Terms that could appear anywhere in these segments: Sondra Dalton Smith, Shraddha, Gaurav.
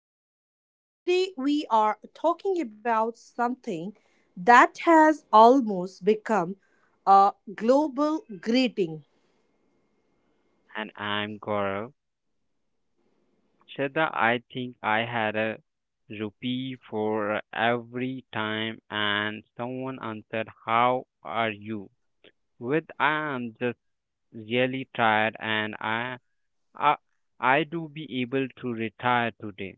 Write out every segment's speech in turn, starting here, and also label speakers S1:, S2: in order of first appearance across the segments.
S1: Shraddha, and today we are talking about something that has almost become a global greeting.
S2: And I'm Gaurav. Shraddha, I think I had a rupee for every time and someone answered, how are you? With I am just really tired and I, I do be able to retire today.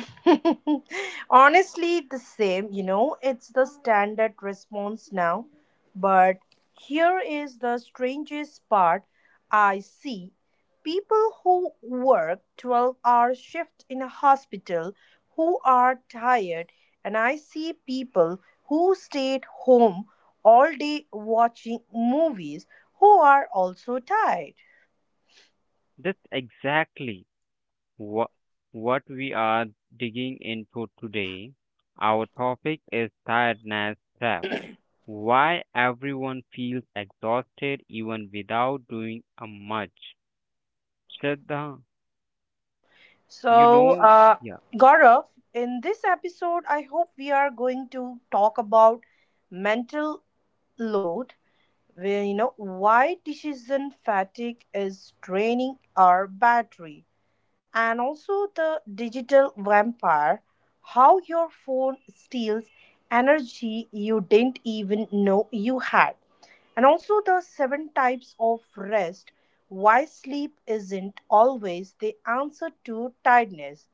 S1: Honestly, the same, it's the standard response now. But here is the strangest part, I see people who work 12-hour shift in a hospital who are tired, and I see people who stayed home all day watching movies who are also tired.
S2: That's exactly what, what we are digging into today. Our topic is tiredness trap. Why everyone feels exhausted even without doing a much. Shraddha, you
S1: So,
S2: know,
S1: uh,
S2: yeah,
S1: Gaurav, in this episode, I hope we are going to talk about mental load, where why decision fatigue is draining our battery, and also the digital vampire, how your phone steals energy you didn't even know you had, and also the seven types of rest, why sleep isn't always the answer to tiredness.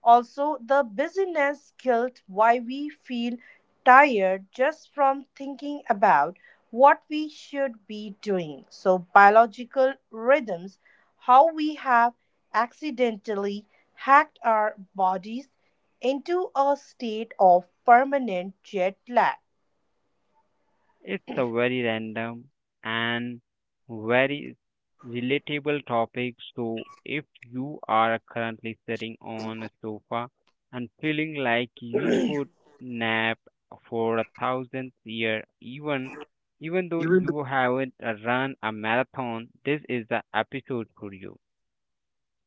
S1: Also, the busyness guilt, why we feel tired just from thinking about what we should be doing. So, biological rhythms, how we have accidentally hacked our bodies into a state of permanent jet lag.
S2: it's a very random and very relatable topic. So, if you are currently sitting on a sofa and feeling like you could nap for a thousandth year, even though you haven't run a marathon, this is the episode for you,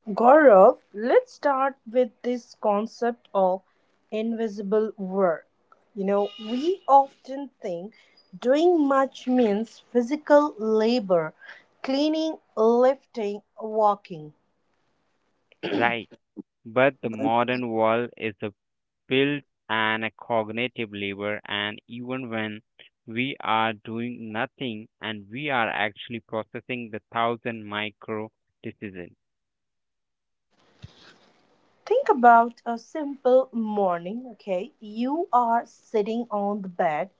S1: Gaurav, let's start with this concept of invisible work. You know, we often think doing much means physical labor, cleaning, lifting, walking.
S2: right? But the modern world is a built and a cognitive labor, and even when we are doing nothing and we are actually processing the thousand micro decisions.
S1: Think about a simple morning, okay? You are sitting on the bed.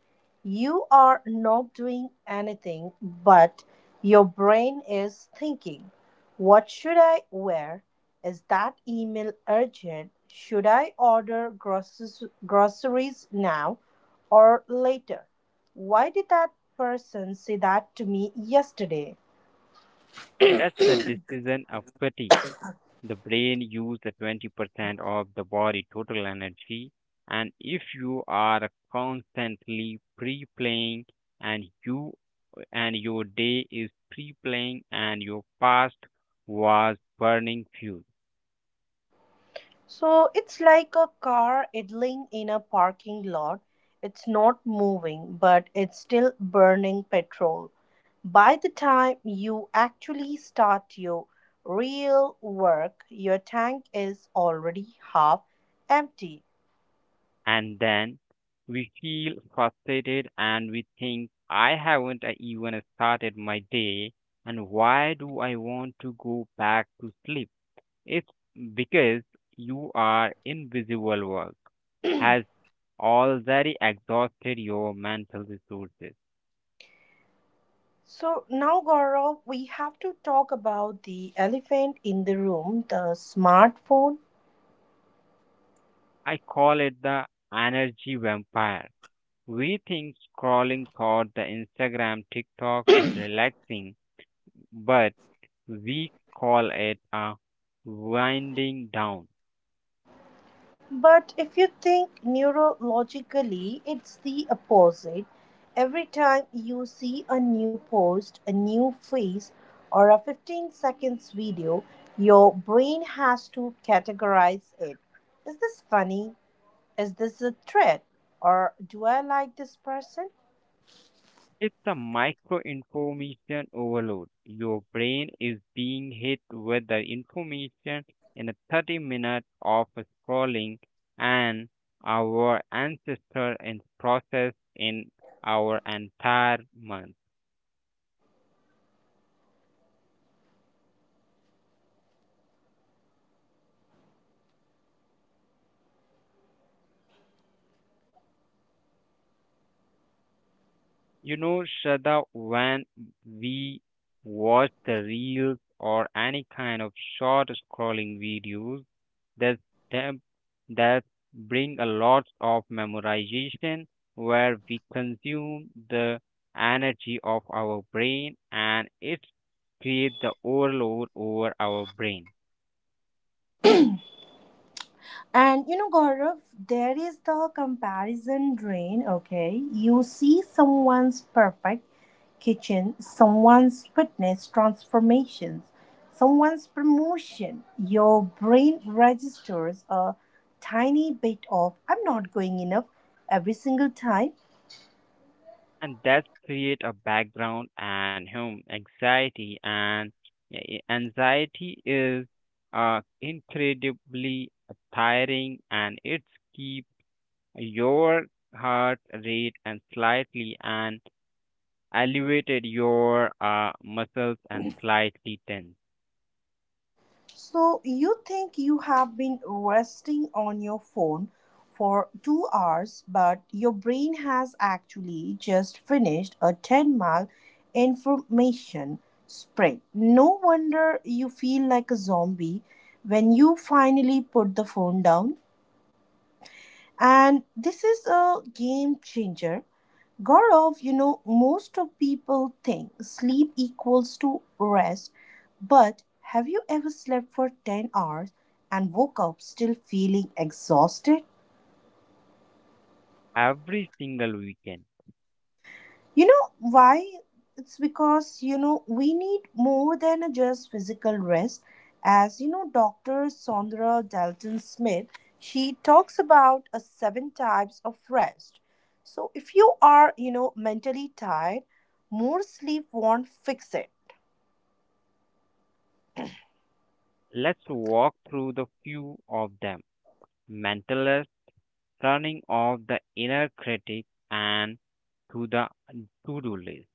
S1: You are not doing anything, but your brain is thinking, what should I wear? Is that email urgent? Should I order groceries now or later? Why did that person say that to me yesterday?
S2: That's the decision of fatigue. The brain uses 20% of the body total energy, and if you are constantly pre-playing and you and your day is pre-playing and your past was burning fuel.
S1: So it's like a car idling in a parking lot. It's not moving, but it's still burning petrol. By the time you actually start your real work, your tank is already half empty.
S2: And then we feel frustrated and we think, I haven't even started my day, and why do I want to go back to sleep? It's because you are invisible work has already exhausted your mental resources.
S1: So now, Gaurav, we have to talk about the elephant in the room, the smartphone.
S2: I call it the energy vampire. We think scrolling through the Instagram, TikTok is relaxing, but we call it a winding down.
S1: But if you think neurologically, it's the opposite. Every time you see a new post, a new face, or a 15 seconds video, your brain has to categorize it. Is this funny? Is this a threat? Or do I like this person?
S2: It's a micro information overload. Your brain is being hit with the information in a 30 minutes of scrolling, and our ancestor in process in our entire month. You know, Shraddha, when we watch the reels or any kind of short scrolling videos, that them that bring a lot of memorization where we consume the energy of our brain and it create the overload over our brain
S1: And you know, Gaurav, there is the comparison drain, okay? You see someone's perfect kitchen, someone's fitness transformations, someone's promotion. Your brain registers a tiny bit of I'm not going enough every single time.
S2: and that create a background and home anxiety. And yeah, anxiety is incredibly tiring and it's keep your heart rate and slightly and elevated your muscles and slightly tense
S1: So you think you have been resting on your phone for 2 hours, but your brain has actually just finished a 10-mile information spread. No wonder you feel like a zombie when you finally put the phone down. And this is a game changer. Gaurav, you know, most of people think sleep equals to rest, but have you ever slept for 10 hours and woke up still feeling exhausted?
S2: every single weekend.
S1: You know why? It's because, you know, we need more than a just physical rest. As you know, Dr. Sondra Dalton Smith, she talks about a seven types of rest. So if you are, you know, mentally tired, more sleep won't fix it.
S2: Let's walk through the few of them. Mentalist, turning off the inner critic and to the to-do list.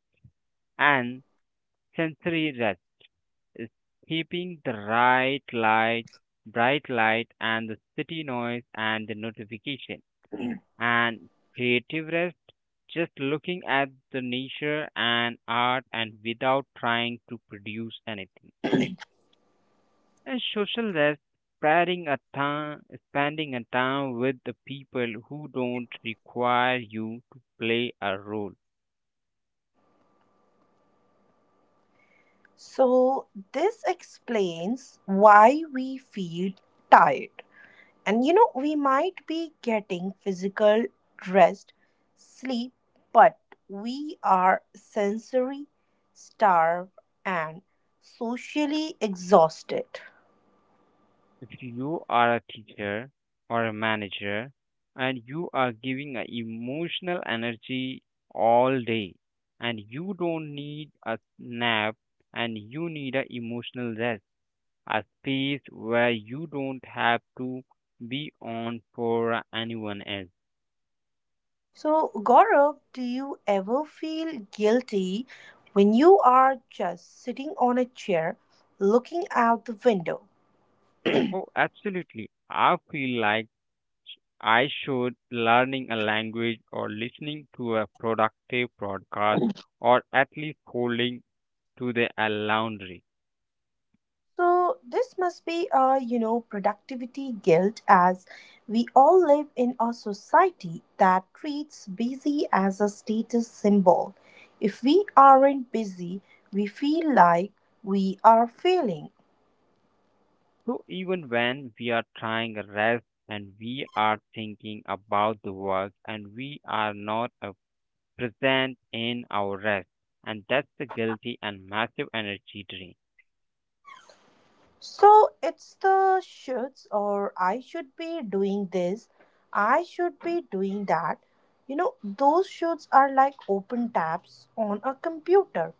S2: And sensory rest is keeping the right light, bright light and the city noise and the notification, and creative rest, just looking at the nature and art and without trying to produce anything. And social rest, spending a time, spending a time with the people who don't require you to play a role.
S1: So this explains why we feel tired. And you know, we might be getting physical rest, sleep, but we are sensory starved and socially exhausted.
S2: If you are a teacher or a manager and you are giving a emotional energy all day and you don't need a nap and you need a emotional rest, a space where you don't have to be on for anyone else.
S1: So, Gaurav, do you ever feel guilty when you are just sitting on a chair looking out the window?
S2: Oh, absolutely. I feel like I should learning a language or listening to a productive podcast or at least holding to the a laundry.
S1: So this must be a you know productivity guilt, as we all live in a society that treats busy as a status symbol. If we aren't busy, we feel like we are failing.
S2: So even when we are trying a rest and we are thinking about the work and we are not present in our rest and that's the guilty and massive energy drain.
S1: So it's the shoulds, or I should be doing this, I should be doing that. You know, those shoulds are like open tabs on a computer.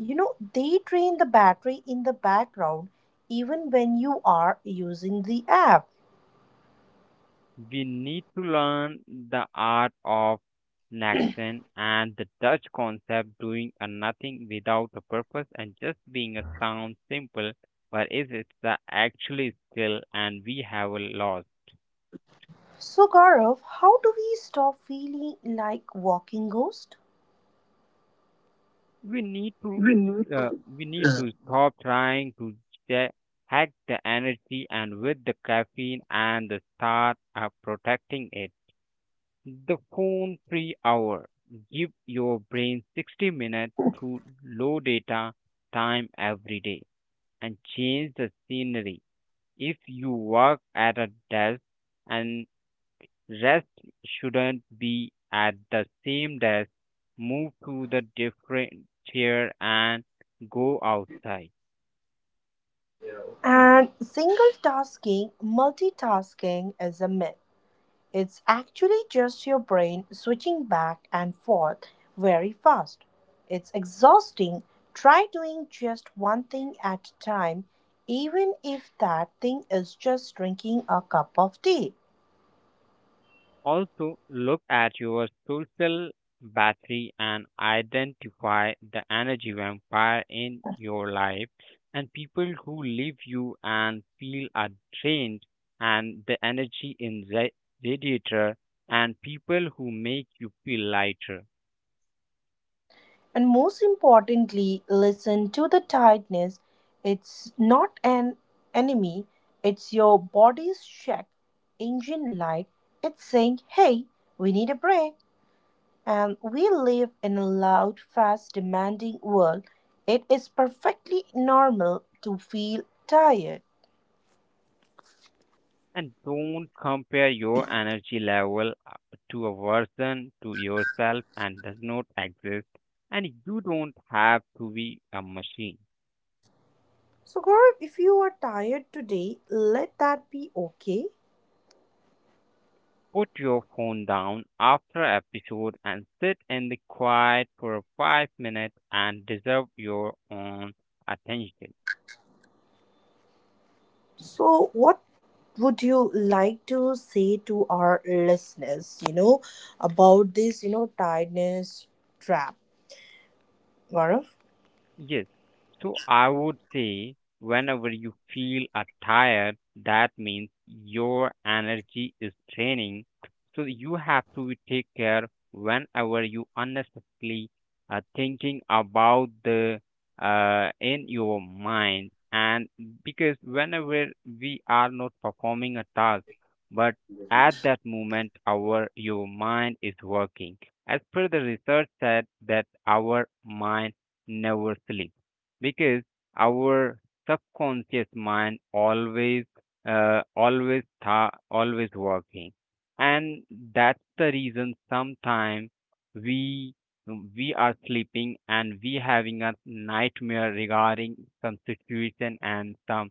S1: You know, they drain the battery in the background even when you are using the app.
S2: We need to learn the art of Naxxon and the Dutch concept doing a nothing without a purpose and just being a sound simple, but is it the actually skill and we have a loss?
S1: So, Gaurav, how do we stop feeling like walking ghost?
S2: We need to uh, stop trying to ja- hack the energy and with the caffeine and the start protecting it. The phone free hour. Give your brain 60 minutes to low data time every day and change the scenery. If you work at a desk and rest shouldn't be at the same desk, move to the different chair and go outside.
S1: And single tasking, multitasking is a myth. It's actually just your brain switching back and forth very fast. It's exhausting. Try doing just one thing at a time, even if that thing is just drinking a cup of tea.
S2: Also, look at your social battery and identify the energy vampire in your life and people who leave you and feel are drained, and the energy in radiator and people who make you feel lighter.
S1: And most importantly, listen to the tiredness. It's not an enemy, it's your body's check engine light. It's saying, hey, we need a break. And we live in a loud, fast, demanding world. It is perfectly normal to feel tired.
S2: And don't compare your energy level to a version to yourself and does not exist. And you don't have to be a machine.
S1: So, Gaurav, if you are tired today, let that be okay.
S2: Put your phone down after episode and sit in the quiet for 5 minutes and deserve your own attention.
S1: So, what would you like to say to our listeners, you know, about this, you know, tiredness trap, Gaurav?
S2: Yes. So I would say whenever you feel are tired, that means your energy is draining. So you have to take care whenever you unnecessarily are thinking about the in your mind. And because whenever we are not performing a task, but at that moment our your mind is working. As per the research said that our mind never sleep because our subconscious mind always working, and that's the reason sometimes we we are sleeping and we having a nightmare regarding some situation and some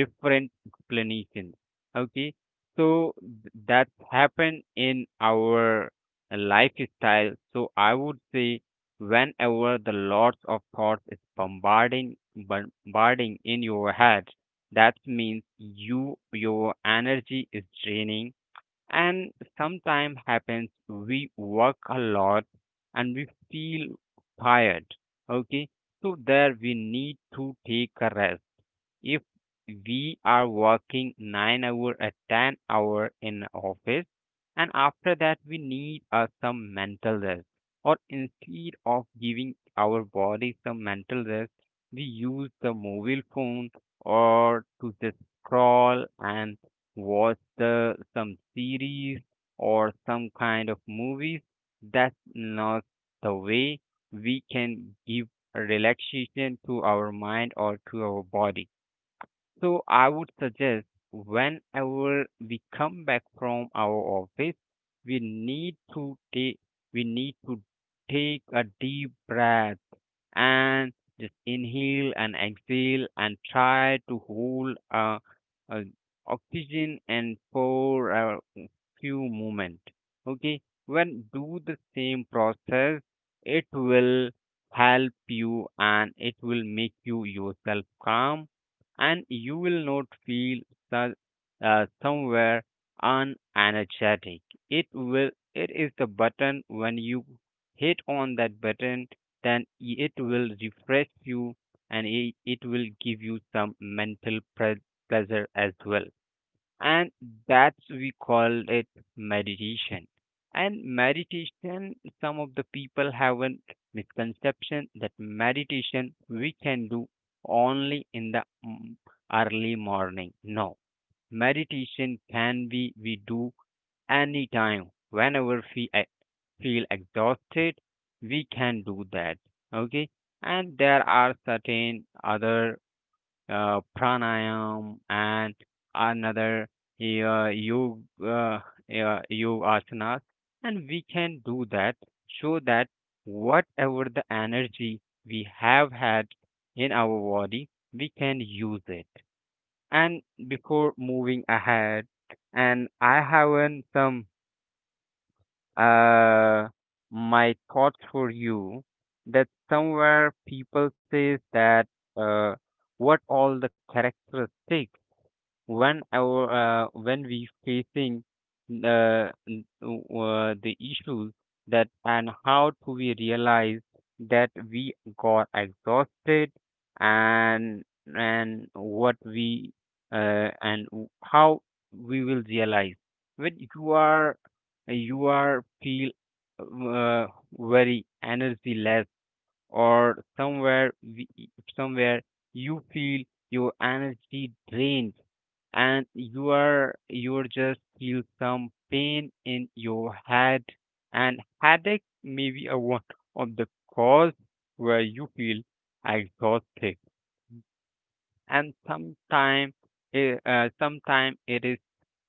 S2: different explanations. Okay, so that's happened in our lifestyle. So I would say whenever the lots of thoughts is bombarding in your head, that means you your energy is draining. And sometimes happens we work a lot and we feel tired. Okay, so there we need to take a rest. If we are working 9 hour a 10 hour in office, and after that we need some mental rest, or instead of giving our body some mental rest, we use the mobile phone or to just scroll and watch the some series or some kind of movies, that's not the way we can give relaxation to our mind or to our body. So I would suggest whenever we come back from our office, we need to take we need to take a deep breath and just inhale and exhale and try to hold uh, oxygen and for a few moment. Okay, when do the same process, it will help you and it will make you yourself calm, and you will not feel so- somewhere unenergetic. It will it is the button when you hit on that button, then it will refresh you, and it will give you some mental pleasure as well. And that's we call it meditation. And meditation, some of the people have a misconception that meditation we can do only in the early morning. No, meditation can be we do anytime whenever we feel exhausted, we can do that. Okay, and there are certain other pranayam and another uh, yoga uh, yoga asanas, and we can do that, so that whatever the energy we have had in our body, we can use it. And before moving ahead, and I haven't some uh my thoughts for you, that somewhere people says that uh what all the characteristics when our when we facing the issues, that and how to we realize that we got exhausted, and what we how we will realize when you are feel uh, very energy less, or somewhere you feel your energy drained, and you're just feel some pain in your head. And headache may be a one of the cause where you feel exhausted. And sometimes sometime it is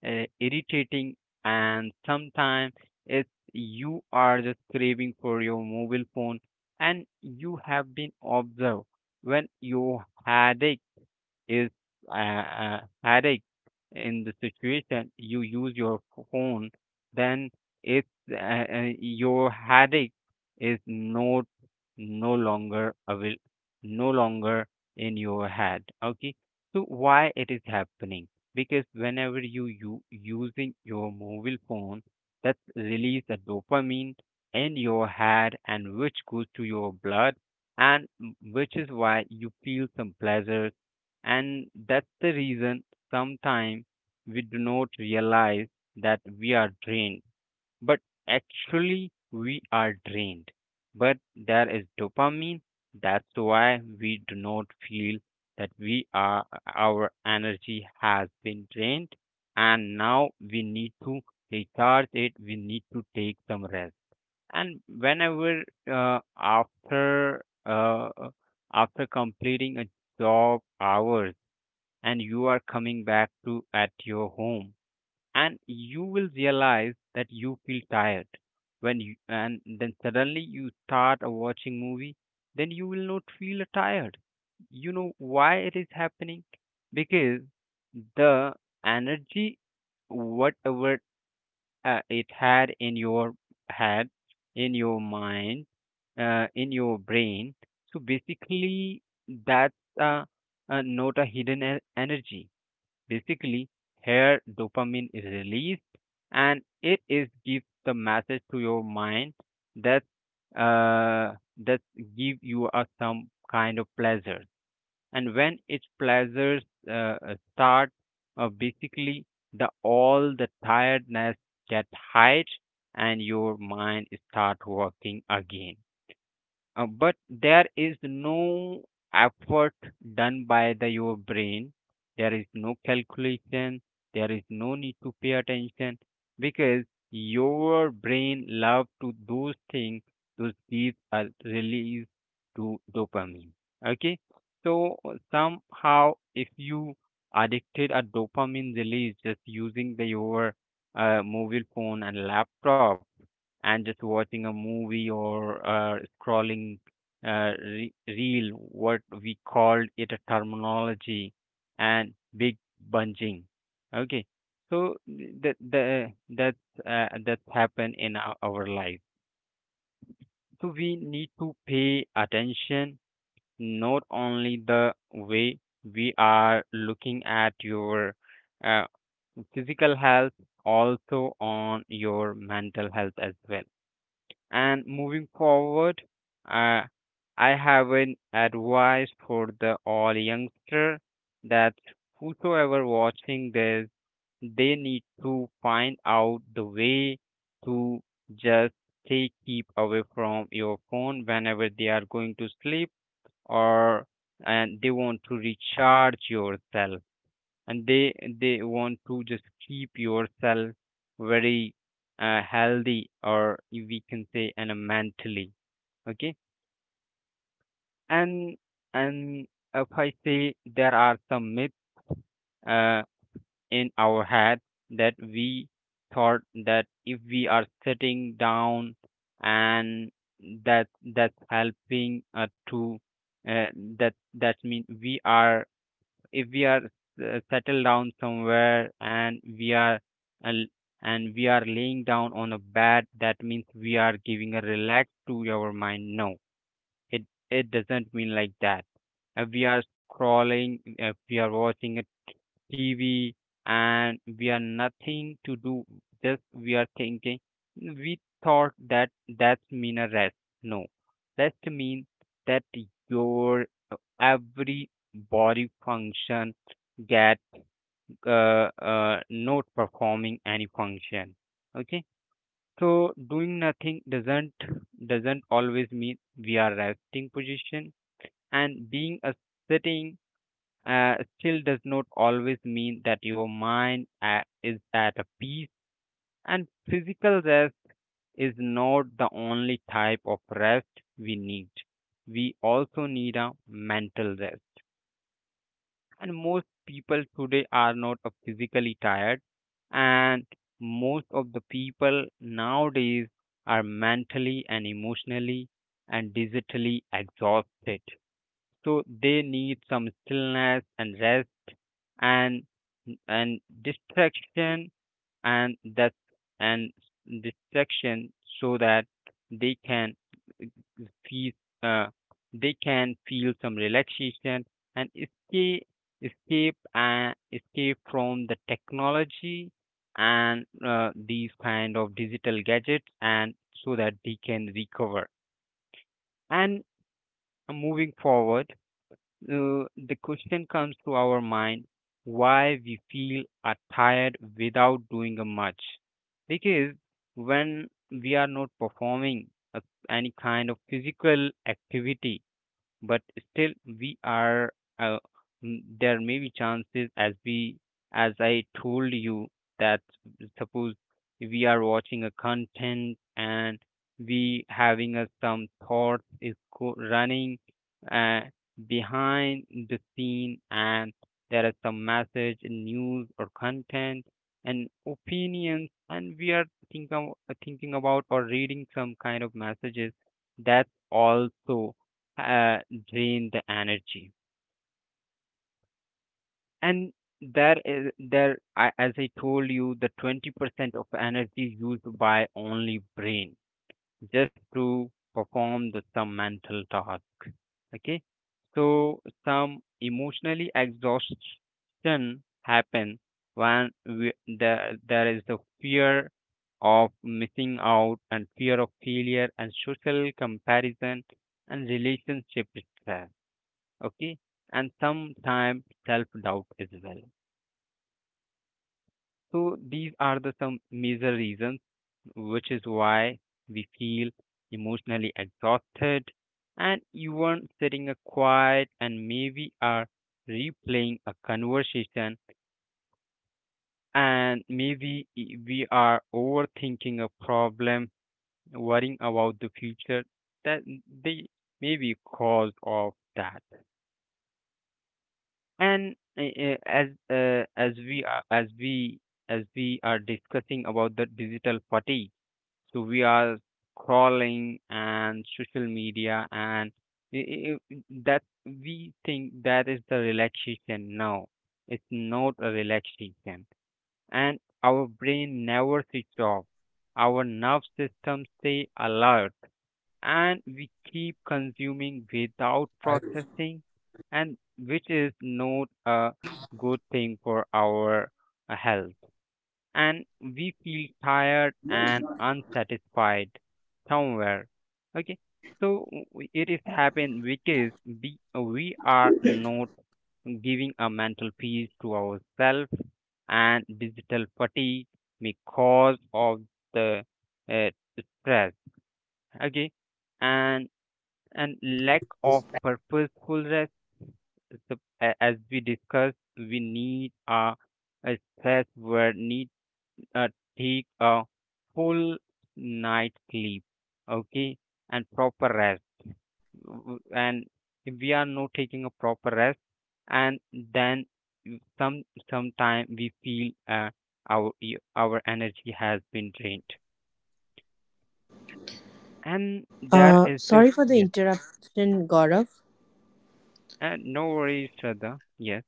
S2: irritating, and sometimes it's you are just craving for your mobile phone, and you have been observed when your headache is a headache in the situation, you use your phone, then it's your headache is not no longer avail, no longer in your head. Okay, so why it is happening? Because whenever you using your mobile phone, that release the dopamine in your head and which goes to your blood, and which is why you feel some pleasure, and that's the reason sometimes we do not realize that we are drained, but actually we are drained. But there is dopamine, that's why we do not feel that we are our energy has been drained, and now we need to recharge it, we need to take some rest. And whenever uh, after uh, after completing a job hours, and you are coming back to at your home, and you will realize that you feel tired when you and then suddenly you start a watching movie, then you will not feel tired. You know why it is happening? Because the energy whatever it had in your head, in your mind, in your brain, so basically that's uh, not a hidden energy. Basically, here dopamine is released, and it is gives the message to your mind that uh, that give you a some kind of pleasure. And when its pleasures uh, start, basically the all the tiredness get hide, and your mind start working again, but there is no effort done by the your brain. There is no calculation. There is no need to pay attention because your brain love to those things. Those these are release to dopamine. Okay, so somehow if you addicted a dopamine release just using the your mobile phone and laptop, and just watching a movie or scrolling reel, what we called it a terminology, and big bunging. Okay, so that that happened in our life. So we need to pay attention not only the way we are looking at your uh, physical health, also on your mental health as well, and moving forward, uh, I have an advice for the all youngster that whosoever watching this, they need to find out the way to just stay keep away from your phone whenever they are going to sleep or and they want to recharge yourself and they want to just keep yourself very healthy or we can say and mentally okay. And and if I say there are some myths uh, in our head that we thought that if we are sitting down and that that's helping to uh, that that means we are, if we are settled down somewhere and we are al- and we are laying down on a bed, that means we are giving a relax to our mind. No, it it doesn't mean like that. If we are scrolling, if we are watching a TV and we are nothing to do, just we are thinking, we thought that that's mean a rest. No, rest means that your every body function get not performing any function, okay? So doing nothing doesn't always mean we are resting position, and being a sitting still does not always mean that your mind is at a peace. And physical rest is not the only type of rest we need. We also need a mental rest. And most people today are not physically tired, and most of the people nowadays are mentally and emotionally and digitally exhausted. So they need some stillness and rest and distraction and that and distraction, so that they can feel uh, they can feel some relaxation and escape, escape and escape from the technology and these kind of digital gadgets, and so that they can recover. And moving forward, the question comes to our mind, why we feel are tired without doing a much? Because when we are not performing a, any kind of physical activity, but still we are uh, there may be chances as we as I told you that, suppose we are watching a content and we having a, some thoughts is running uh, behind the scene, and there is some message and news or content and opinions, and we are think, thinking about or reading some kind of messages. That's also uh, drain the energy. And there is there I, as I told you, the 20% of energy used by only brain just to perform the some mental task, okay? So some emotionally exhaustion happen when there is the fear of missing out and fear of failure and social comparison and relationship stress, okay? And sometimes self doubt as well. So these are the some major reasons which is why we feel emotionally exhausted. And even sitting a quiet and maybe are replaying a conversation and maybe we are overthinking a problem, worrying about the future, that they may be cause of that. And as we are discussing about the digital fatigue, so we are scrolling and social media, and i- i- i- that we think that is the relaxation. No, it's not a relaxation, and our brain never switch off. Our nerve system stay alert, and we keep consuming without processing, and which is not a good thing for our health, and we feel tired and unsatisfied somewhere, okay? So it is happen because we are not giving a mental peace to ourselves, and digital fatigue because of the uh, stress, okay? And and lack of purposeful rest. So, as we discussed, we need a stress where need uh, take a full night sleep, okay, and proper rest. And if we are not taking a proper rest, and then you- some sometime we feel our energy has been drained, and there is the
S1: Sorry for the
S2: yes.
S1: interruption, Gaurav.
S2: And no worries, Shraddha. Yes.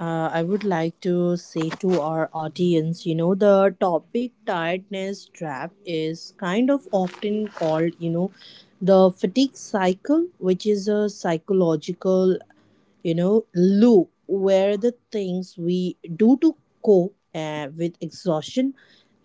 S1: I would like to say to our audience, you know, the topic tiredness trap is kind of often called, you know, the fatigue cycle, which is a psychological you know loop where the things we do to cope with exhaustion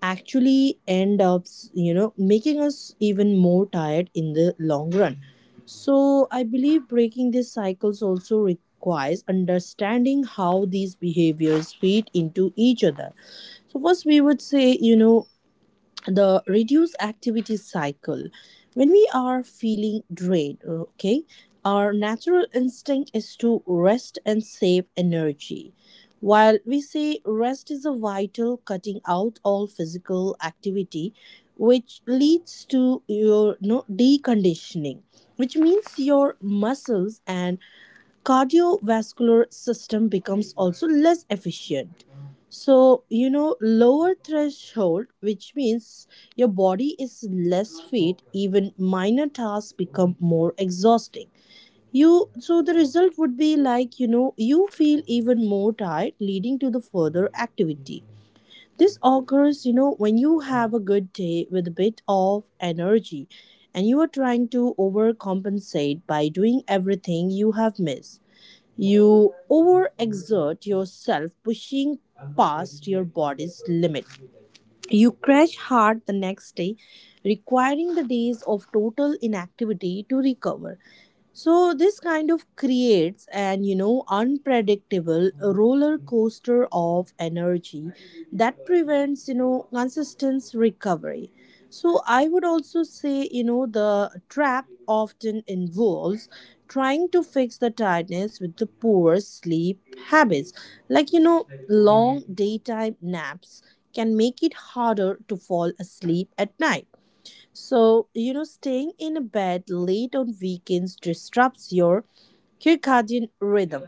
S1: actually end up you know making us even more tired in the long run. So I believe breaking these cycles also requires understanding how these behaviors fit into each other. So first we would say, you know, the reduced activity cycle. When we are feeling drained, okay, our natural instinct is to rest and save energy, while we say rest is a vital cutting out all physical activity, which leads to your no, deconditioning, which means your muscles and cardiovascular system becomes also less efficient. So, you know, lower threshold, which means your body is less fit, even minor tasks become more exhausting. You so the result would be like, you know, you feel even more tired, leading to the further activity. This occurs, you know, when you have a good day with a bit of energy and you are trying to overcompensate by doing everything you have missed. You overexert yourself, pushing past your body's limit. You crash hard the next day, requiring the days of total inactivity to recover. So this kind of creates an you know unpredictable roller coaster of energy that prevents you know consistent recovery. So I would also say, you know, the trap often involves trying to fix the tiredness with the poor sleep habits. Like, you know, long daytime naps can make it harder to fall asleep at night. So, you know, staying in a bed late on weekends disrupts your circadian rhythm,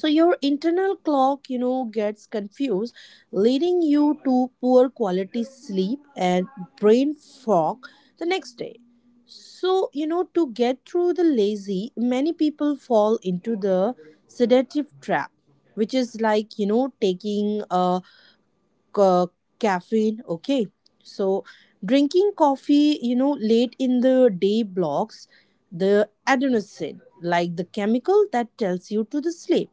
S1: so your internal clock you know gets confused, leading you to poor quality sleep and brain fog the next day. So you know to get through the lazy, many people fall into the sedative trap, which is like, you know, taking a ca- caffeine, okay? So drinking coffee you know late in the day blocks the adenosine, like the chemical that tells you to the sleep.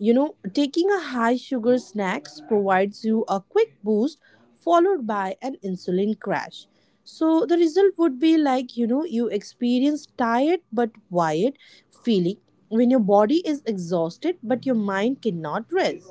S1: You know, taking a high sugar snacks provides you a quick boost followed by an insulin crash. So the result would be like, you know, you experience tired but wired feeling when your body is exhausted but your mind cannot rest.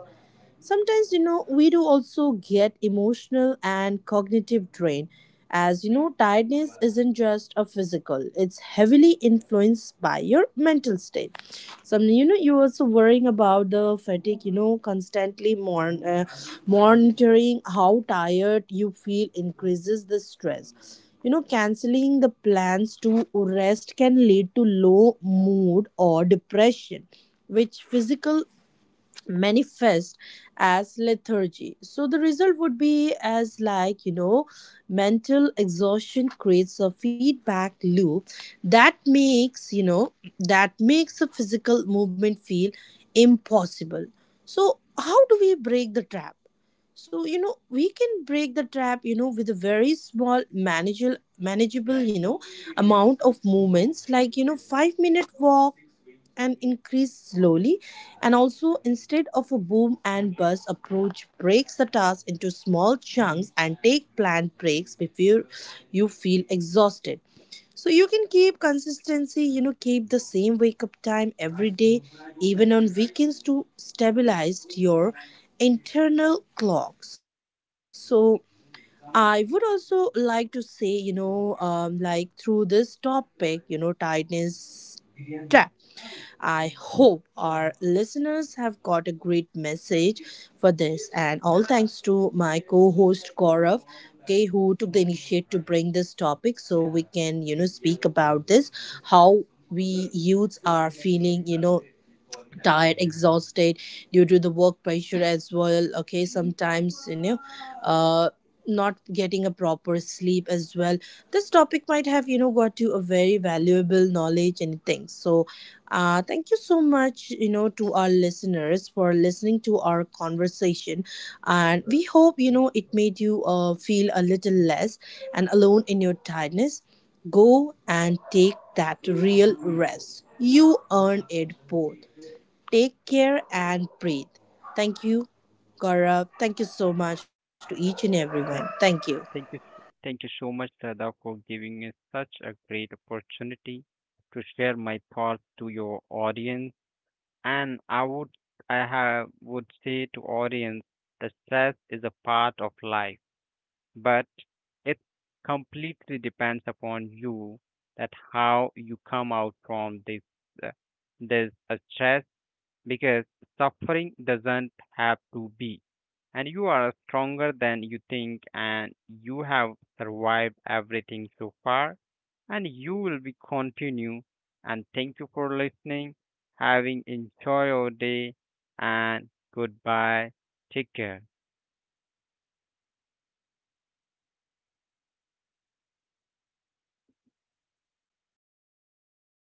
S1: Sometimes you know we do also get emotional and cognitive drain, as you know tiredness isn't just a physical, it's heavily influenced by your mental state. Some you know you're also worrying about the fatigue, you know, constantly monitoring how tired you feel increases the stress. You know canceling the plans to rest can lead to low mood or depression, which physical manifest as lethargy. So the result would be as like, you know, mental exhaustion creates a feedback loop that makes a physical movement feel impossible. So how do we break the trap? So you know we can break the trap, you know, with a very small manageable you know amount of movements like you know 5-minute walk and increase slowly. And also instead of a boom and bust approach, breaks the task into small chunks and take planned breaks before you feel exhausted. So you can keep consistency, you know, keep the same wake up time every day, even on weekends to stabilize your internal clock. So I would also like to say, you know, like through this topic, you know, tightness, I hope our listeners have got a great message for this. And all thanks to my co host Gaurav, okay, who took the initiative to bring this topic so we can, you know, speak about this how we youths are feeling, you know, tired exhausted due to the work pressure as well. Okay, sometimes you know uh not getting a proper sleep as well. This topic might have you know got you a very valuable knowledge and things. So thank you so much, you know, to our listeners for listening to our conversation, and we hope you know it made you feel a little less and alone in your tiredness. Go and take that real rest, you earn it both. Take care and breathe. Thank you, Gaurav. Thank you so much to each and everyone. Thank you.
S2: Thank you, thank you so much, Radha, for giving me such a great opportunity to share my thoughts to your audience. And I would, I have, would say to audience that stress is a part of life, but it completely depends upon you that how you come out from this uh, stress, because suffering doesn't have to be. And you are stronger than you think, and you have survived everything so far, and you will be continue. And thank you for listening. Having enjoy your day, and goodbye. Take care.
S1: Thank you once again.